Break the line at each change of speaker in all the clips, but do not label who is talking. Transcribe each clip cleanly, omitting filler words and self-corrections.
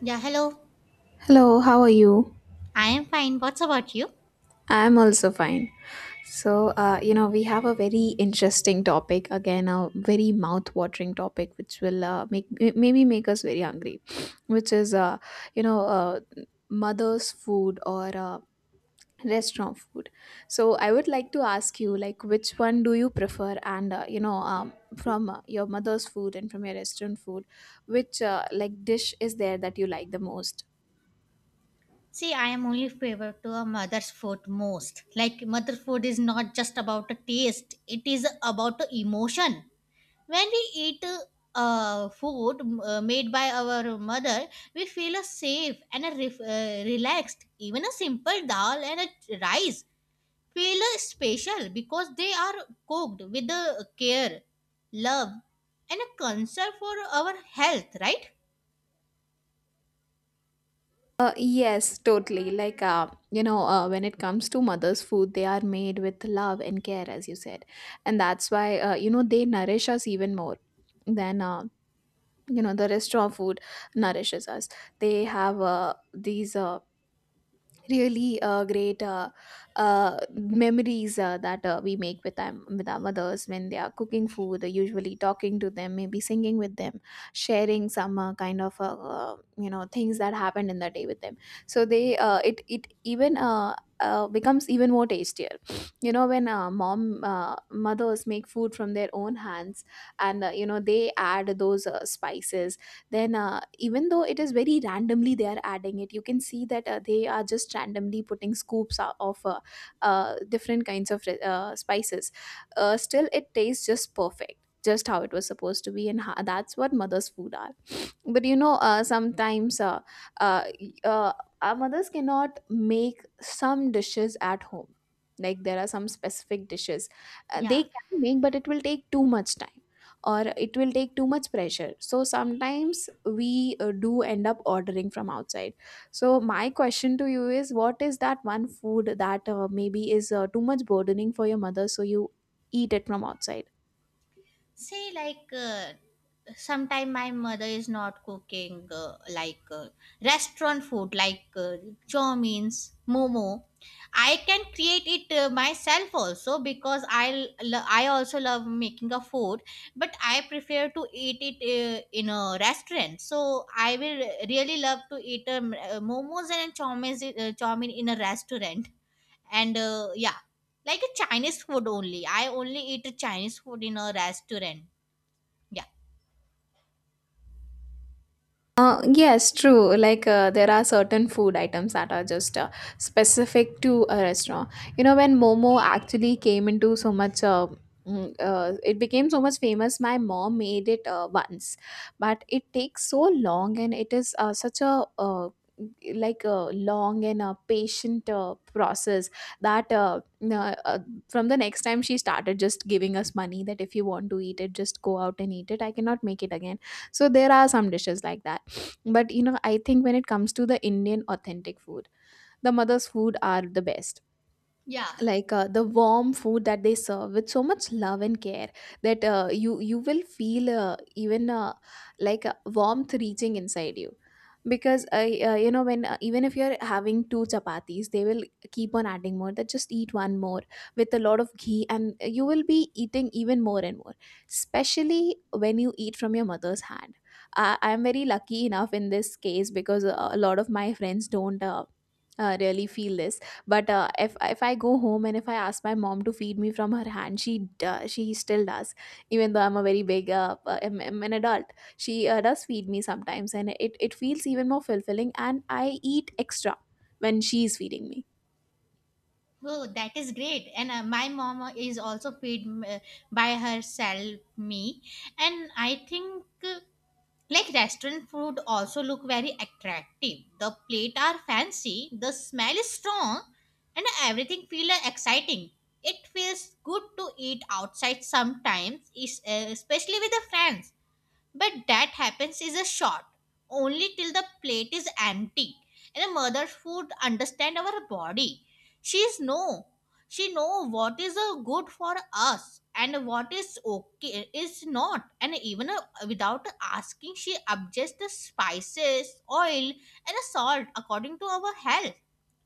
Yeah, hello.
Hello, how are you?
I am fine. What's about you?
I'm also fine. So, we have a very interesting topic again, a very mouth-watering topic, which will make maybe make us very hungry, which is, you know, uh, mother's food or restaurant food. So, I would like to ask you, like, which one do you prefer? And your mother's food and from your restaurant food, which like dish is there that you like the most?
See, I am only favor to a mother's food most. Like mother food is not just about a taste; it is about the emotion. When we eat food made by our mother, we feel a safe and a relaxed. Even a simple dal and a rice feel special because they are cooked with the care, love, and a concern for our health. Right?
Yes, totally. Like, when it comes to mother's food, they are made with love and care, as you said. And that's why, they nourish us even more than, the restaurant food nourishes us. They have these really great memories that we make with them with our mothers when they are cooking food, usually talking to them, maybe singing with them, sharing some kind of things that happened in the day with them. So they it it even becomes even more tastier, you know, when mom mothers make food from their own hands and, they add those spices. Then, even though it is very randomly they are adding it, you can see that they are just randomly putting scoops of different kinds of spices. Still it tastes just perfect, just how it was supposed to be, and that's what mother's food are. But you know, sometimes uh, y- uh, our mothers cannot make some dishes at home. Like, there are some specific dishes
Yeah.
they can make, but it will take too much time or it will take too much pressure. So sometimes we do end up ordering from outside. So my question to you is, what is that one food that maybe is too much burdening for your mother, so you eat it from outside?
say like Sometime my mother is not cooking like restaurant food like chow means momo. I can create it myself also because I also love making a food, but I prefer to eat it in a restaurant, so I will really love to eat momos and chow mein in a restaurant. And yeah, like a Chinese food only. I only eat Chinese food in a restaurant, yeah,
Yes, true. Like, there are certain food items that are just specific to a restaurant. You know, when Momo actually came into so much, it became so much famous. My mom made it once, but it takes so long, and it is such a like a long and a patient process that from the next time she started just giving us money, that if you want to eat it, just go out and eat it, I cannot make it again. So there are some dishes like that. But you know, I think when it comes to the Indian authentic food, the mother's food are the best.
yeah.
Like, the warm food that they serve with so much love and care, that you will feel even like a warmth reaching inside you. Because, when even if you're having two chapatis, they will keep on adding more, that just eat one more with a lot of ghee, and you will be eating even more and more. Especially when you eat from your mother's hand, I'm very lucky enough in this case, because a lot of my friends don't really feel this. But if I go home and if I ask my mom to feed me from her hand, she still does, even though I'm a very big I'm an adult. She does feed me sometimes, and it feels even more fulfilling, and I eat extra when she is feeding me.
Oh, that is great. And my mom is also feed by herself me, and I think like restaurant food also look very attractive. The plate are fancy, the smell is strong, and everything feel exciting. It feels good to eat outside sometimes, is especially with the friends. But that happens is a short only till the plate is empty. And a mother food understand our body. She's know. She know what is good for us and what is okay is not. And even without asking, she adjusts the spices, oil, and salt according to our health.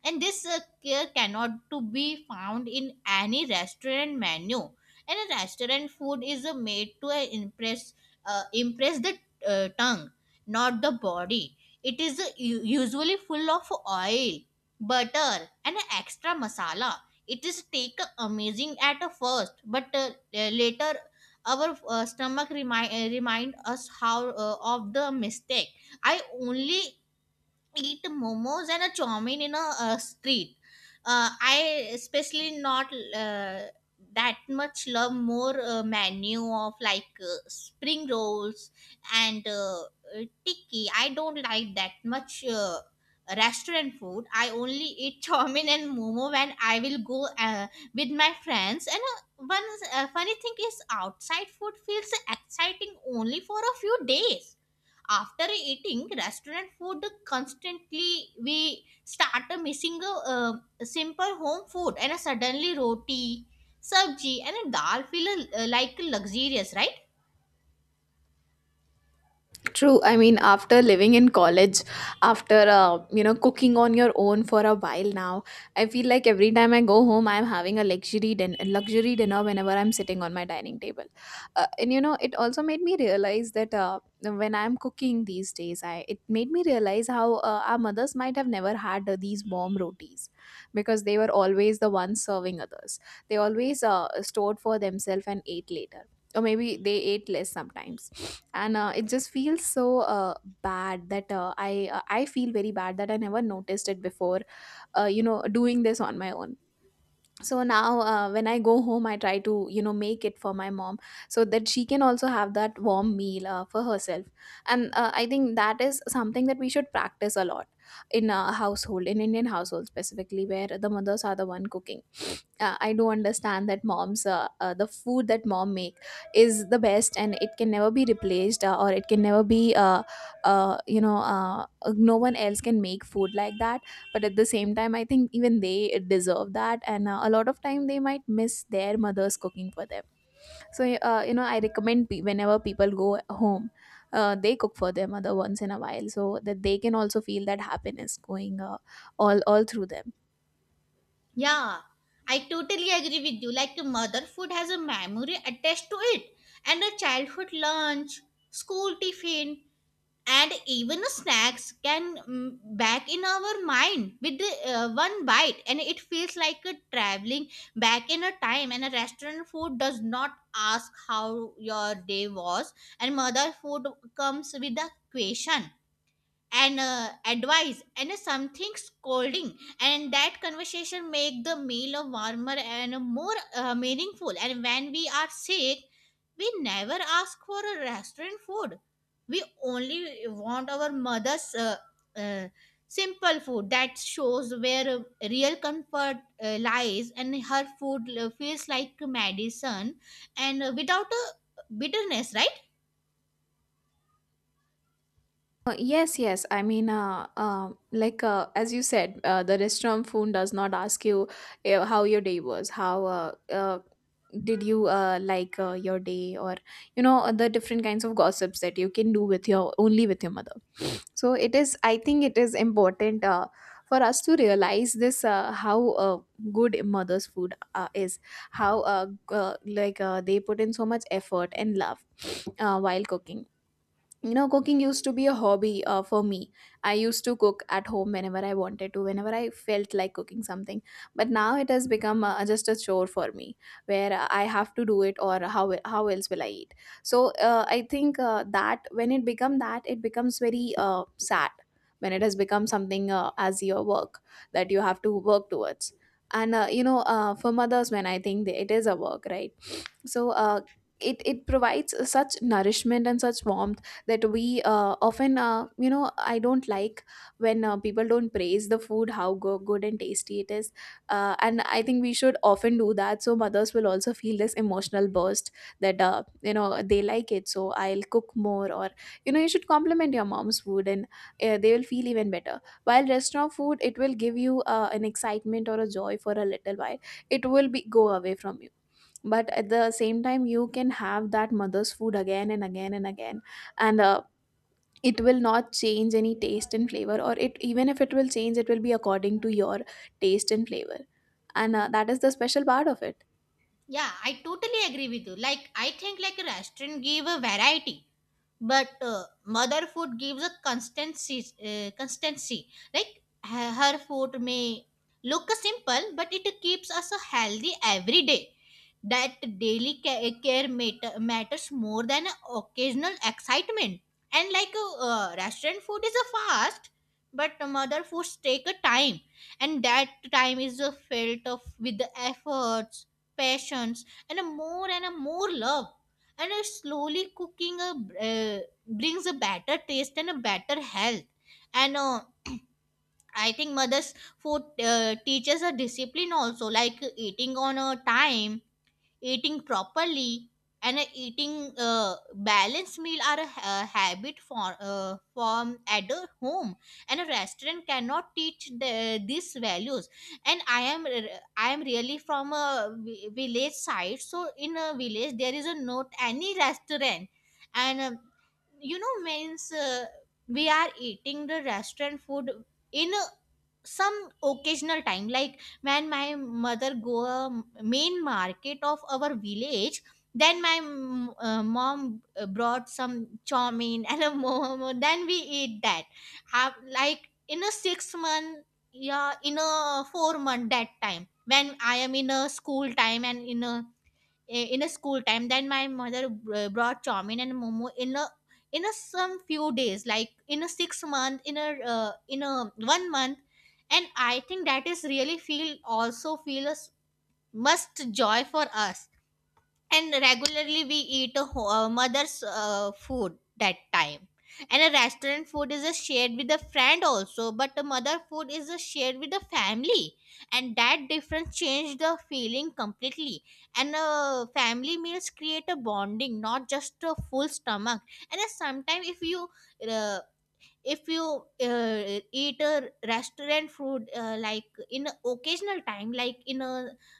And this care cannot to be found in any restaurant menu. And a restaurant food is made to impress the tongue, not the body. It is usually full of oil, butter, and extra masala. It is take amazing at first, but later our stomach remind us how of the mistake. I only eat momos and a chow mein in a street. I especially not uh, that much love more menu of like spring rolls and tikki. I don't like that much restaurant food. I only eat chow mein and momo when I will go with my friends. And one funny thing is outside food feels exciting only for a few days. After eating restaurant food constantly, we start missing a simple home food, and suddenly roti sabji and dal feel like luxurious, right?
True. I mean, after living in college, after, cooking on your own for a while now, I feel like every time I go home, I'm having a luxury dinner whenever I'm sitting on my dining table. And you know, it also made me realize that when I'm cooking these days, I it made me realize how our mothers might have never had these warm rotis, because they were always the ones serving others. They always stored for themselves and ate later, or maybe they ate less sometimes. And it just feels so bad that I feel very bad that I never noticed it before, doing this on my own. So now, when I go home, I try to, you know, make it for my mom, so that she can also have that warm meal for herself. And I think that is something that we should practice a lot in a household, in Indian household specifically, where the mothers are the one cooking. I do understand that moms the food that mom make is the best, and it can never be replaced, or it can never be no one else can make food like that. But at the same time, I think even they deserve that. And a lot of time they might miss their mothers cooking for them. So, I recommend, whenever people go home, they cook for their mother once in a while, so that they can also feel that happiness going all through them.
Yeah, I totally agree with you. Like mother food has a memory attached to it, and a childhood lunch, school tiffin, and even snacks can back in our mind with the one bite, and it feels like a traveling back in a time. And a restaurant food does not ask how your day was, and mother food comes with a question and advice and something scolding, and that conversation make the meal a warmer and a more meaningful. And when we are sick we never ask for a restaurant food, we only want our mother's uh, simple food that shows where real comfort lies, and her food feels like medicine and without a bitterness, right?
Yes, yes. I mean, as you said, the restaurant phone does not ask you how your day was, how did you like your day, or, the different kinds of gossips that you can do with your, only with your mother. So it is. I think it is important for us to realize this, how uh, good mother's food is, how they put in so much effort and love while cooking. You know, cooking used to be a hobby for me. I used to cook at home whenever I wanted to, whenever I felt like cooking something. But now it has become just a chore for me, where I have to do it, or how else will I eat. So I think that when it becomes very sad, when it has become something as your work, that you have to work towards. And, for mothers, when I think that it is a work, right? So it provides such nourishment and such warmth, that we often, I don't like when people don't praise the food, how good and tasty it is. And I think we should often do that, so mothers will also feel this emotional burst, that, they like it, so I'll cook more. Or, you know, you should compliment your mom's food, and they will feel even better. While restaurant food, it will give you an excitement or a joy for a little while, it will be go away from you. But at the same time, you can have that mother's food again and again and again. And it will not change any taste and flavor. Or it, even if it will change, it will be according to your taste and flavor. And that is the special part of it.
Yeah, I totally agree with you. Like, I think like a restaurant give a variety, but mother food gives a constancy. Constancy. Like her food may look simple, but it keeps us healthy every day. That daily care matters more than occasional excitement. And like restaurant food is a fast, but mother foods take a time, and that time is felt of with the efforts, passions, and a more love. And a slowly cooking uh, brings a better taste and a better health. And I think mother's food teaches a discipline also, like eating on a time, eating properly, and eating balanced meal are a habit for form at a home, and a restaurant cannot teach these values. And I am really from a village side, so in a village there is a not any restaurant. And you know means we are eating the restaurant food in a some occasional time, like when my mother go a main market of our village, then my mom brought some chow mein and a momo, then we eat that. Have like in a 6 month, yeah, in a 4 month, that time when I am in a school time, and in a school time, then my mother brought chowmin and momo in a some few days, like in a 6 month in a 1 month. And I think that is really feel also feel a must joy for us, and regularly we eat a mother's food that time. And a restaurant food is a shared with a friend also, but the mother food is a shared with the family, and that difference changed the feeling completely. And family meals create a bonding, not just a full stomach. And sometimes if you uh, eat a restaurant food like in a occasional time, like in a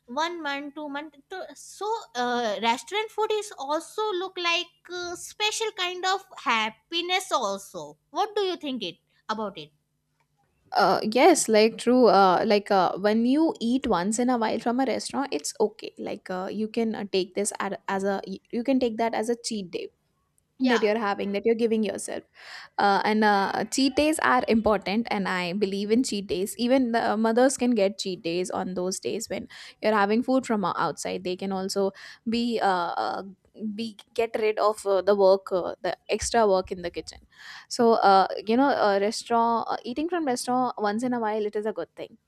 one month 2 month to, so restaurant food is also look like special kind of happiness also. What do you think it about it?
Yes, like true. Like, when you eat once in a while from a restaurant, it's okay. Like, you can take this ad- as a you can take that as a cheat day,
Yeah.
that you're having, that you're giving yourself, and cheat days are important, and I believe in cheat days. Even the mothers can get cheat days on those days when you're having food from outside. They can also be uh, uh, be get rid of the extra work in the kitchen. So uh, you know uh, restaurant uh, eating from restaurant once in a while, it is a good thing.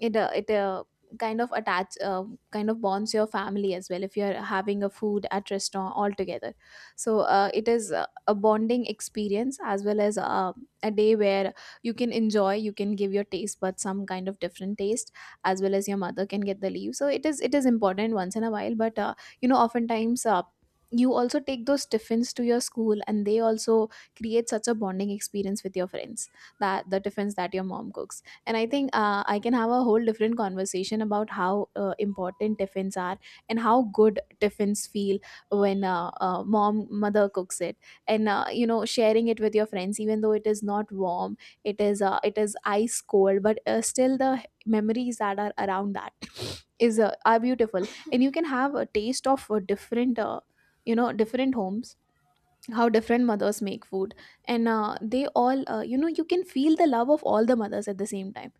It uh, it uh, kind of attach uh, kind of bonds your family as well if you're having a food at restaurant all together. So it is a bonding experience, as well as a day where you can enjoy, you can give your taste but some kind of different taste, as well as your mother can get the leave. So it is important once in a while, but oftentimes, you also take those tiffins to your school, and they also create such a bonding experience with your friends, that the tiffins that your mom cooks. And I think I can have a whole different conversation about how important tiffins are, and how good tiffins feel when mom mother cooks it. And sharing it with your friends, even though it is not warm, it is ice cold. But still, the memories that are around that is are beautiful. And you can have a taste of different you know different homes, how different mothers make food. And they all, you can feel the love of all the mothers at the same time,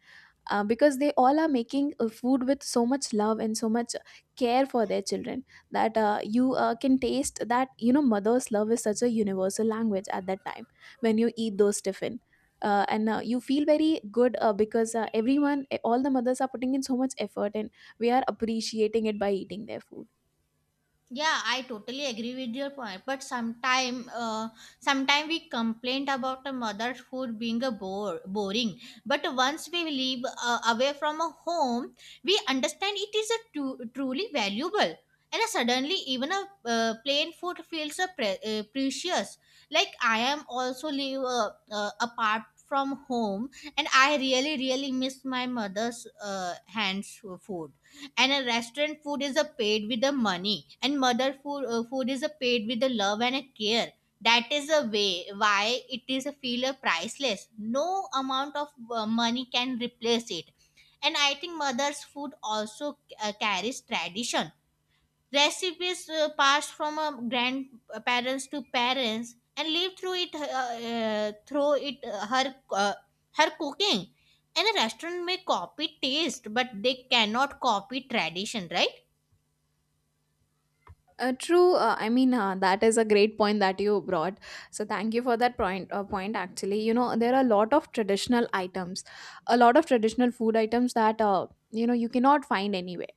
because they all are making food with so much love and so much care for their children, that you can taste that, mother's love is such a universal language at that time when you eat those tiffin. And you feel very good, because all the mothers are putting in so much effort, and we are appreciating it by eating their food.
Yeah, I totally agree with your point. But sometime we complain about a mother's food being a boring. But once we live away from a home, we understand it is a truly valuable. And suddenly, even a plain food feels a precious. Like I am also live apart from home, and I really, really miss my mother's hands food. And a restaurant food is a paid with the money, and mother food is a paid with the love and a care. That is a way why it is a feel a priceless. No amount of money can replace it. And I think mother's food also carries tradition recipes passed from grandparents to parents, and lived through it her her cooking. And a restaurant may copy taste, but they cannot copy tradition, right?
True. I mean, that is a great point that you brought. So thank you for that point. You know, there are a lot of traditional items, a lot of traditional food items that you cannot find anywhere,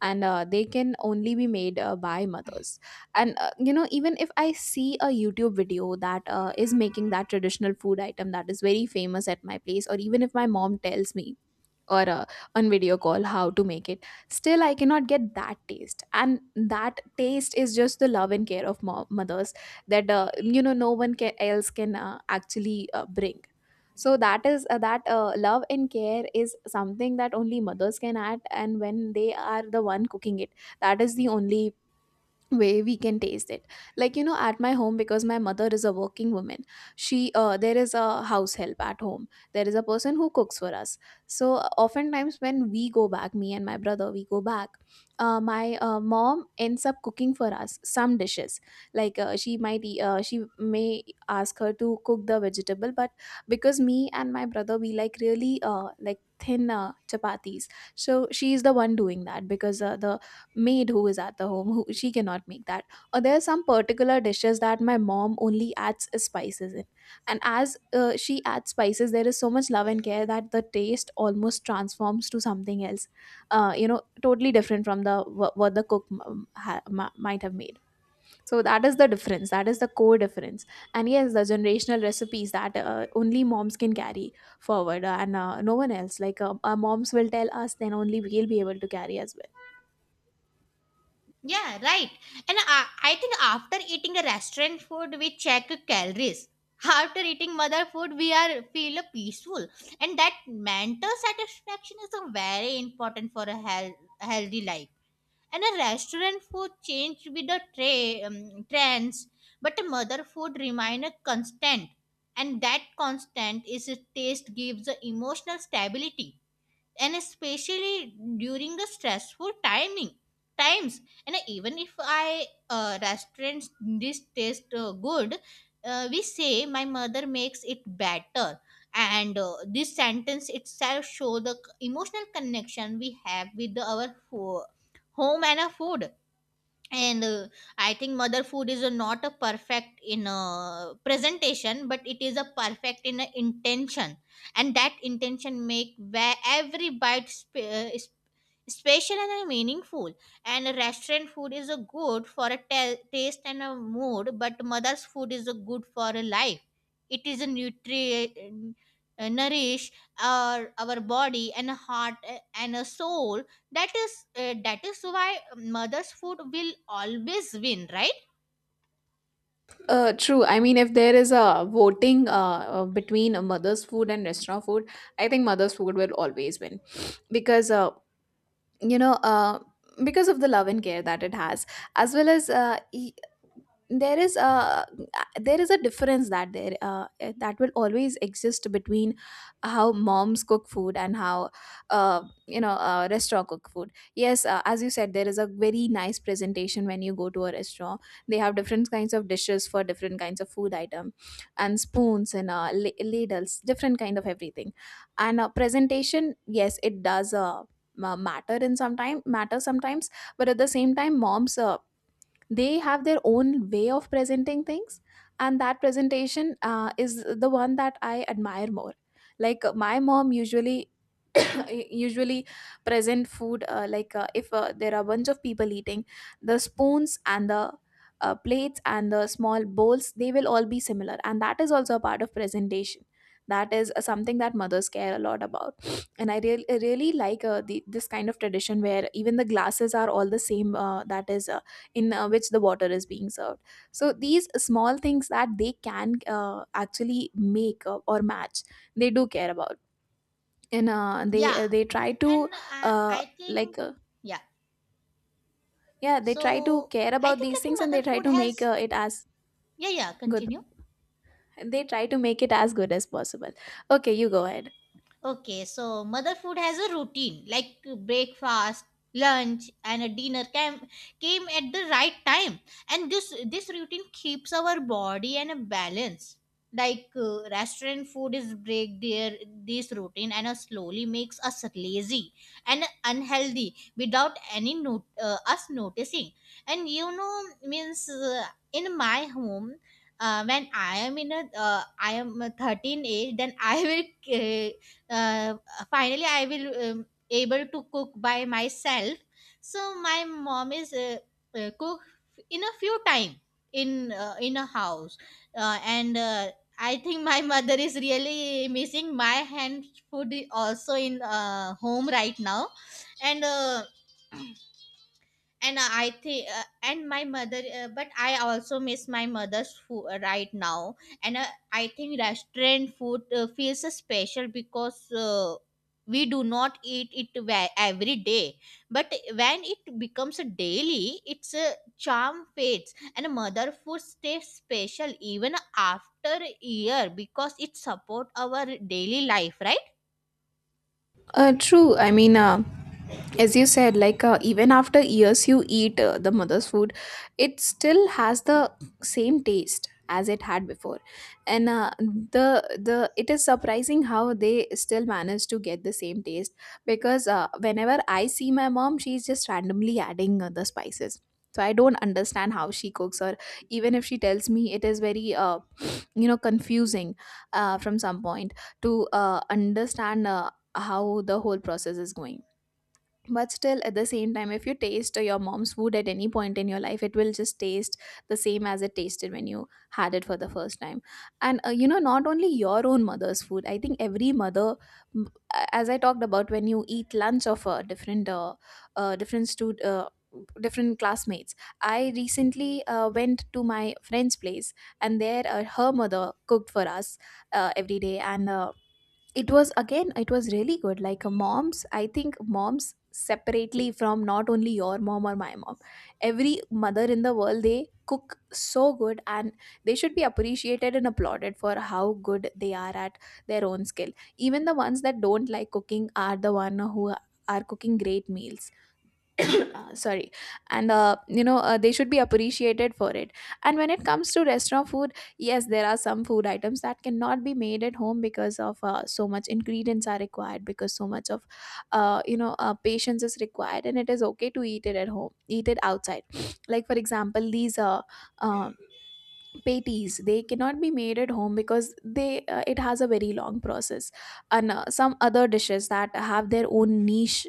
and they can only be made by mothers. And even if I see a YouTube video that is making that traditional food item that is very famous at my place, or even if my mom tells me or on video call how to make it, still I cannot get that taste. And that taste is just the love and care of mothers, that no one else can actually bring. So that love and care is something that only mothers can add, and when they are the one cooking it, that is the only way we can taste it. Like, at my home, because my mother is a working woman, she there is a house help at home, there is a person who cooks for us. So oftentimes when we go back, me and my brother, we go back my mom ends up cooking for us some dishes. Like, she may ask her to cook the vegetable, but because me and my brother, we like really, thin chapatis. So she is the one doing that, because the maid who is at the home, who, she cannot make that. Or there are some particular dishes that my mom only adds spices in. And as she adds spices, there is so much love and care that the taste almost transforms to something else, totally different from what the cook might have made. So that is the difference, that is the core difference. And yes, the generational recipes that only moms can carry forward, and no one else. Like, our moms will tell us, then only we'll be able to carry as well.
Yeah, right. And I think after eating a restaurant food, we check calories. After eating mother food, we are feel peaceful, and that mental satisfaction is a very important for a healthy life. And a restaurant food changed with the trends, but a mother food remained a constant. And that constant is a taste gives the emotional stability, and especially during the stressful timing times. And even if I restaurants this taste good, we say my mother makes it better. And this sentence itself show the emotional connection we have with our home and our food. And I think mother food is not a perfect in a presentation, but it is a perfect in a intention, and that intention make where every bite is special and meaningful. And restaurant food is a good for a taste and a mood, but mother's food is a good for a life. It is a nutri nourish our body and heart and a soul. That is why mother's food will always win, right?
True. I mean, if there is a voting between a mother's food and restaurant food, I think mother's food will always win, because you know uh, because of the love and care that it has, as well as, there is a there is a difference that will always exist between how moms cook food and how restaurant cook food. Yes, as you said, there is a very nice presentation when you go to a restaurant. They have different kinds of dishes for different kinds of food item, and spoons and ladles, different kind of everything. And presentation, yes, it does matter in sometime matter sometimes. But at the same time, moms, they have their own way of presenting things. And that presentation is the one that I admire more. Like, my mom usually usually present food, like, if there are a bunch of people eating, the spoons and the plates and the small bowls, they will all be similar, and that is also a part of presentation. That is something that mothers care a lot about. And I really, really like this kind of tradition where even the glasses are all the same, that is in which the water is being served. So these small things that they can actually make or match, they do care about. And uh, they
Yeah.
uh, they try to
And
uh,
I think,
like uh,
yeah.
yeah, they try to
So
care
I
about
think
these
like
things, and
mother
they try
food
to
has,
make it as
yeah, yeah,
good.
continue.
They try to make it as good as possible. Okay, you go ahead.
Okay, so mother food has a routine like breakfast, lunch, and a dinner came at the right time, and this routine keeps our body in a balance. Like restaurant food is break their this routine, and slowly makes us lazy and unhealthy without any note us noticing. And you know means in my home when I am a 13 age. Then I will uh, finally I will able to cook by myself, so my mom is cook in a few time in a house and I think my mother is really missing my hand food also in home right now. And and I think and my mother but I also miss my mother's food right now. And I think restaurant food feels special because we do not eat it every day, but when it becomes a daily its a charm fades, and mother food stays special even after a year because it support our daily life, right?
True. I mean, as you said, like, even after years you eat the mother's food, it still has the same taste as it had before. And the it is surprising how they still manage to get the same taste. Because whenever I see my mom, she's just randomly adding the spices. So I don't understand how she cooks. Or even if she tells me, it is very confusing from some point to understand how the whole process is going. But still, at the same time, if you taste your mom's food at any point in your life, it will just taste the same as it tasted when you had it for the first time. And not only your own mother's food, I think every mother, m- as I talked about, when you eat lunch of a different different stud different classmates. I recently went to my friend's place, and there her mother cooked for us every day, and it was again, it was really good. Like, moms, I think moms, separately, from not only your mom or my mom, every mother in the world, they cook so good, and they should be appreciated and applauded for how good they are at their own skill. Even the ones that don't like cooking are the one who are cooking great meals. Sorry. And they should be appreciated for it. And when it comes to restaurant food, yes, there are some food items that cannot be made at home because of so much ingredients are required, because so much of patience is required, and it is okay to eat it at home, eat it outside. Like, for example, these uh, patties, they cannot be made at home because they it has a very long process. And some other dishes that have their own niche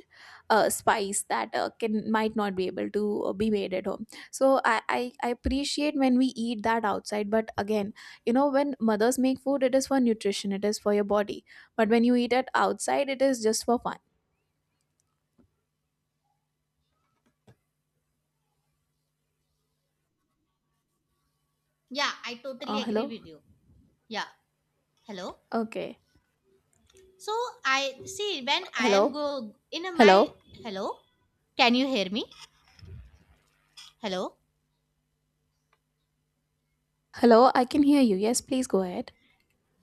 spice that can might not be able to be made at home. So I appreciate when we eat that outside, but again, you know, when mothers make food, it is for nutrition, it is for your body. But when you eat it outside, it is just for fun.
Yeah, I totally agree
Hello.
with you. Yeah, hello.
Okay.
So I see when I am
Hello.
go in a my
Hello.
hello. Can you hear me? Hello.
Hello, I can hear you. Yes, please go ahead.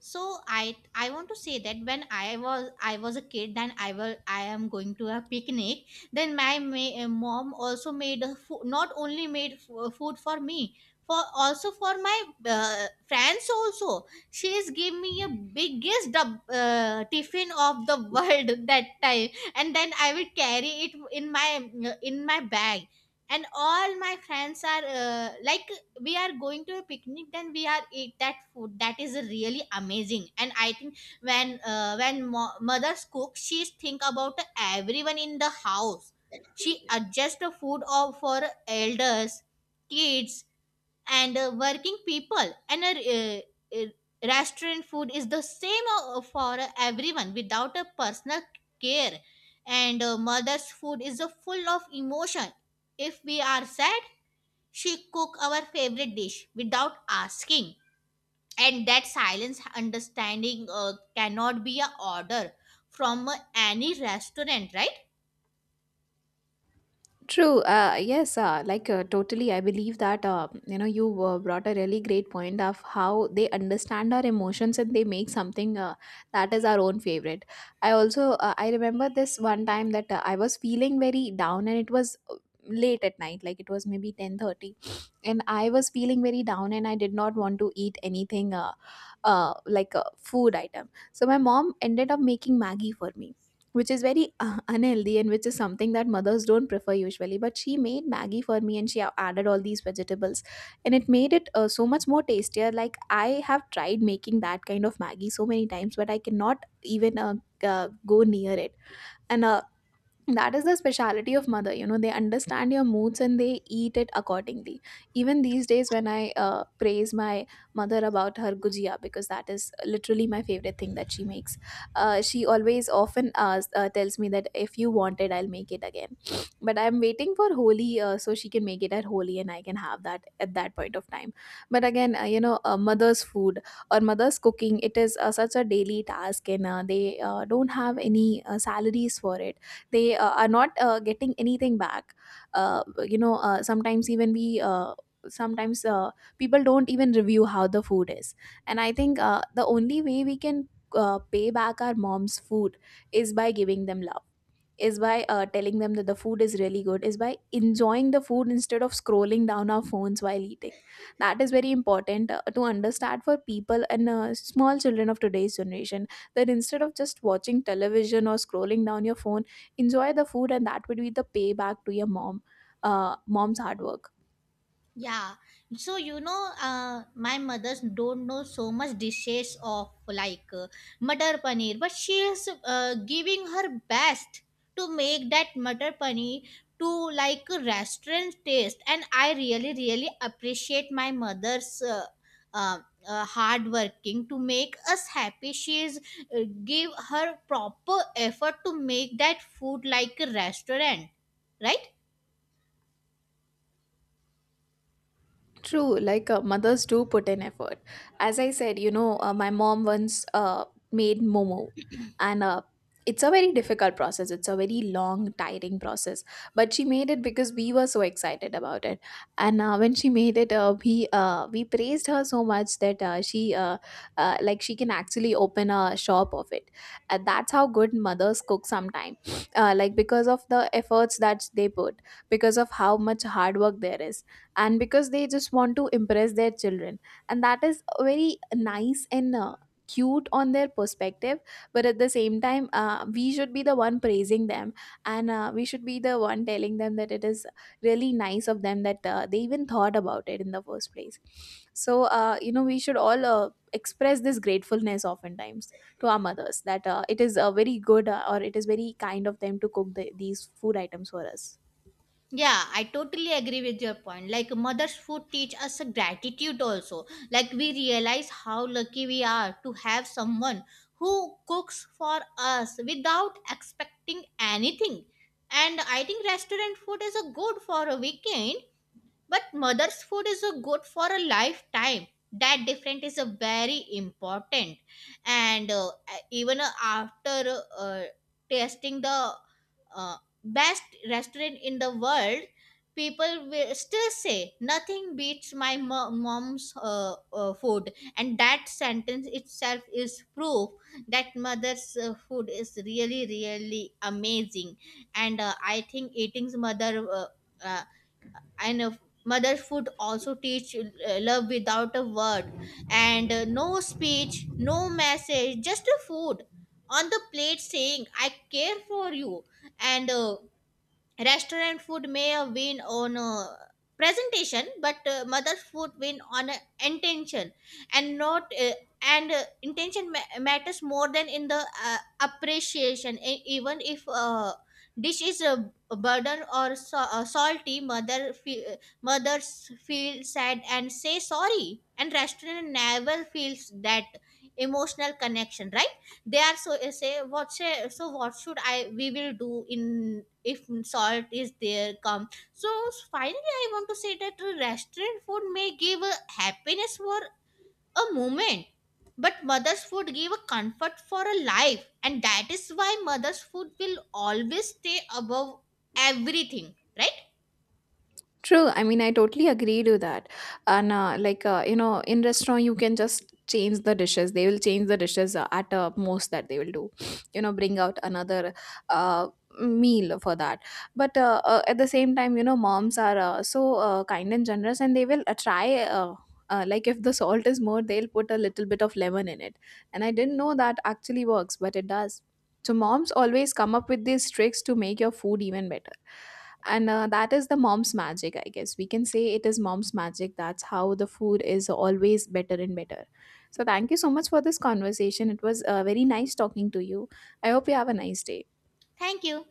So I want to say that when I was a kid, then I am going to a picnic. Then my mom also made a food, not only made food for me, for also for my friends also. She is gave me a biggest tiffin of the world that time. And then I will carry it in my bag, and all my friends are like we are going to a picnic, then we are eat that food, that is really amazing. And I think when mothers cook, she think about everyone in the house. She adjusts the food of for elders, kids, and working people. And a uh, restaurant food is the same for everyone without a personal care. And mother's food is full of emotion. If we are sad, she cook our favorite dish without asking, and that silence understanding cannot be a order from any restaurant, right?
True. Yes. Like, totally. I believe that you brought a really great point of how they understand our emotions, and they make something that is our own favorite. I remember this one time that I was feeling very down, and it was late at night, like it was maybe 10:30, and I was feeling very down and I did not want to eat anything, like, a food item. So my mom ended up making Maggie for me, which is very unhealthy, and which is something that mothers don't prefer usually, but she made Maggie for me, and she added all these vegetables, and it made it so much more tastier. Like, I have tried making that kind of Maggie so many times, but I cannot even go near it. And that is the speciality of mother. You know, they understand your moods, and they eat it accordingly. Even these days, when I praise my mother about her Gujia, because that is literally my favorite thing that she makes, she always often, tells me that if you want it, I'll make it again. But I'm waiting for Holi, so she can make it at Holi, and I can have that at that point of time. But again, mother's food or mother's cooking, it is such a daily task, and they don't have any salaries for it. They are not getting anything back. uh, you know uh, sometimes even we uh, Sometimes people don't even review how the food is. And I think the only way we can pay back our mom's food is by giving them love, is by telling them that the food is really good, is by enjoying the food instead of scrolling down our phones while eating. That is very important to understand for people and small children of today's generation, that instead of just watching television or scrolling down your phone, enjoy the food. And that would be the payback to your mom, mom's hard work.
Yeah. So you know, my mothers don't know so much dishes of like matar paneer, but she is giving her best to make that matar paneer to like a restaurant taste, and I really really appreciate my mother's. Uh, hard working to make us happy, she is give her proper effort to make that food like a restaurant, right?
True. Like, mothers do put in effort. As I said, you know, my mom once made momo, and it's a very difficult process. It's a very long, tiring process. But she made it because we were so excited about it. And when she made it, we praised her so much that she like, she can actually open a shop of it. And that's how good mothers cook sometimes, like, because of the efforts that they put, because of how much hard work there is, and because they just want to impress their children, and that is very nice and cute on their perspective. But at the same time, we should be the one praising them, and we should be the one telling them that it is really nice of them that they even thought about it in the first place. So we should all express this gratefulness oftentimes to our mothers, that it is a very good, or it is very kind of them to cook these food items for us.
Yeah, I totally agree with your point. Like mother's food teach us a gratitude also. Like we realize how lucky we are to have someone who cooks for us without expecting anything. And I think restaurant food is a good for a weekend, but mother's food is a good for a lifetime. That different is a very important, and even after tasting the uh, best restaurant in the world, people will still say nothing beats my mom's food, and that sentence itself is proof that mother's food is really really amazing. And I think eating's mother. Uh, and Mother's food also teach love without a word, and no speech, no message, just a food on the plate saying I care for you. And restaurant food may win on presentation, but mother's food win on intention, and not and intention matters more than in the appreciation. Even if dish is a burden or salty, mother mothers feel sad and say sorry, and restaurant never feels that emotional connection, right? They are so say what say, so what should I we will do in if salt is there come. So finally I want to say that restaurant food may give a happiness for a moment, but mother's food give a comfort for a life, and that is why mother's food will always stay above everything, right?
True. I mean, I totally agree to that. And like, in restaurant, you can just change the dishes. They will change the dishes at most that they will do. You know, bring out another uh, meal for that. But at the same time, you know, moms are so kind and generous, and they will try. Like, if the salt is more, they'll put a little bit of lemon in it. And I didn't know that actually works, but it does. So moms always come up with these tricks to make your food even better, and that is the mom's magic. I guess we can say it is mom's magic. That's how the food is always better and better. So thank you so much for this conversation. It was very nice talking to you. I hope you have a nice day.
Thank you.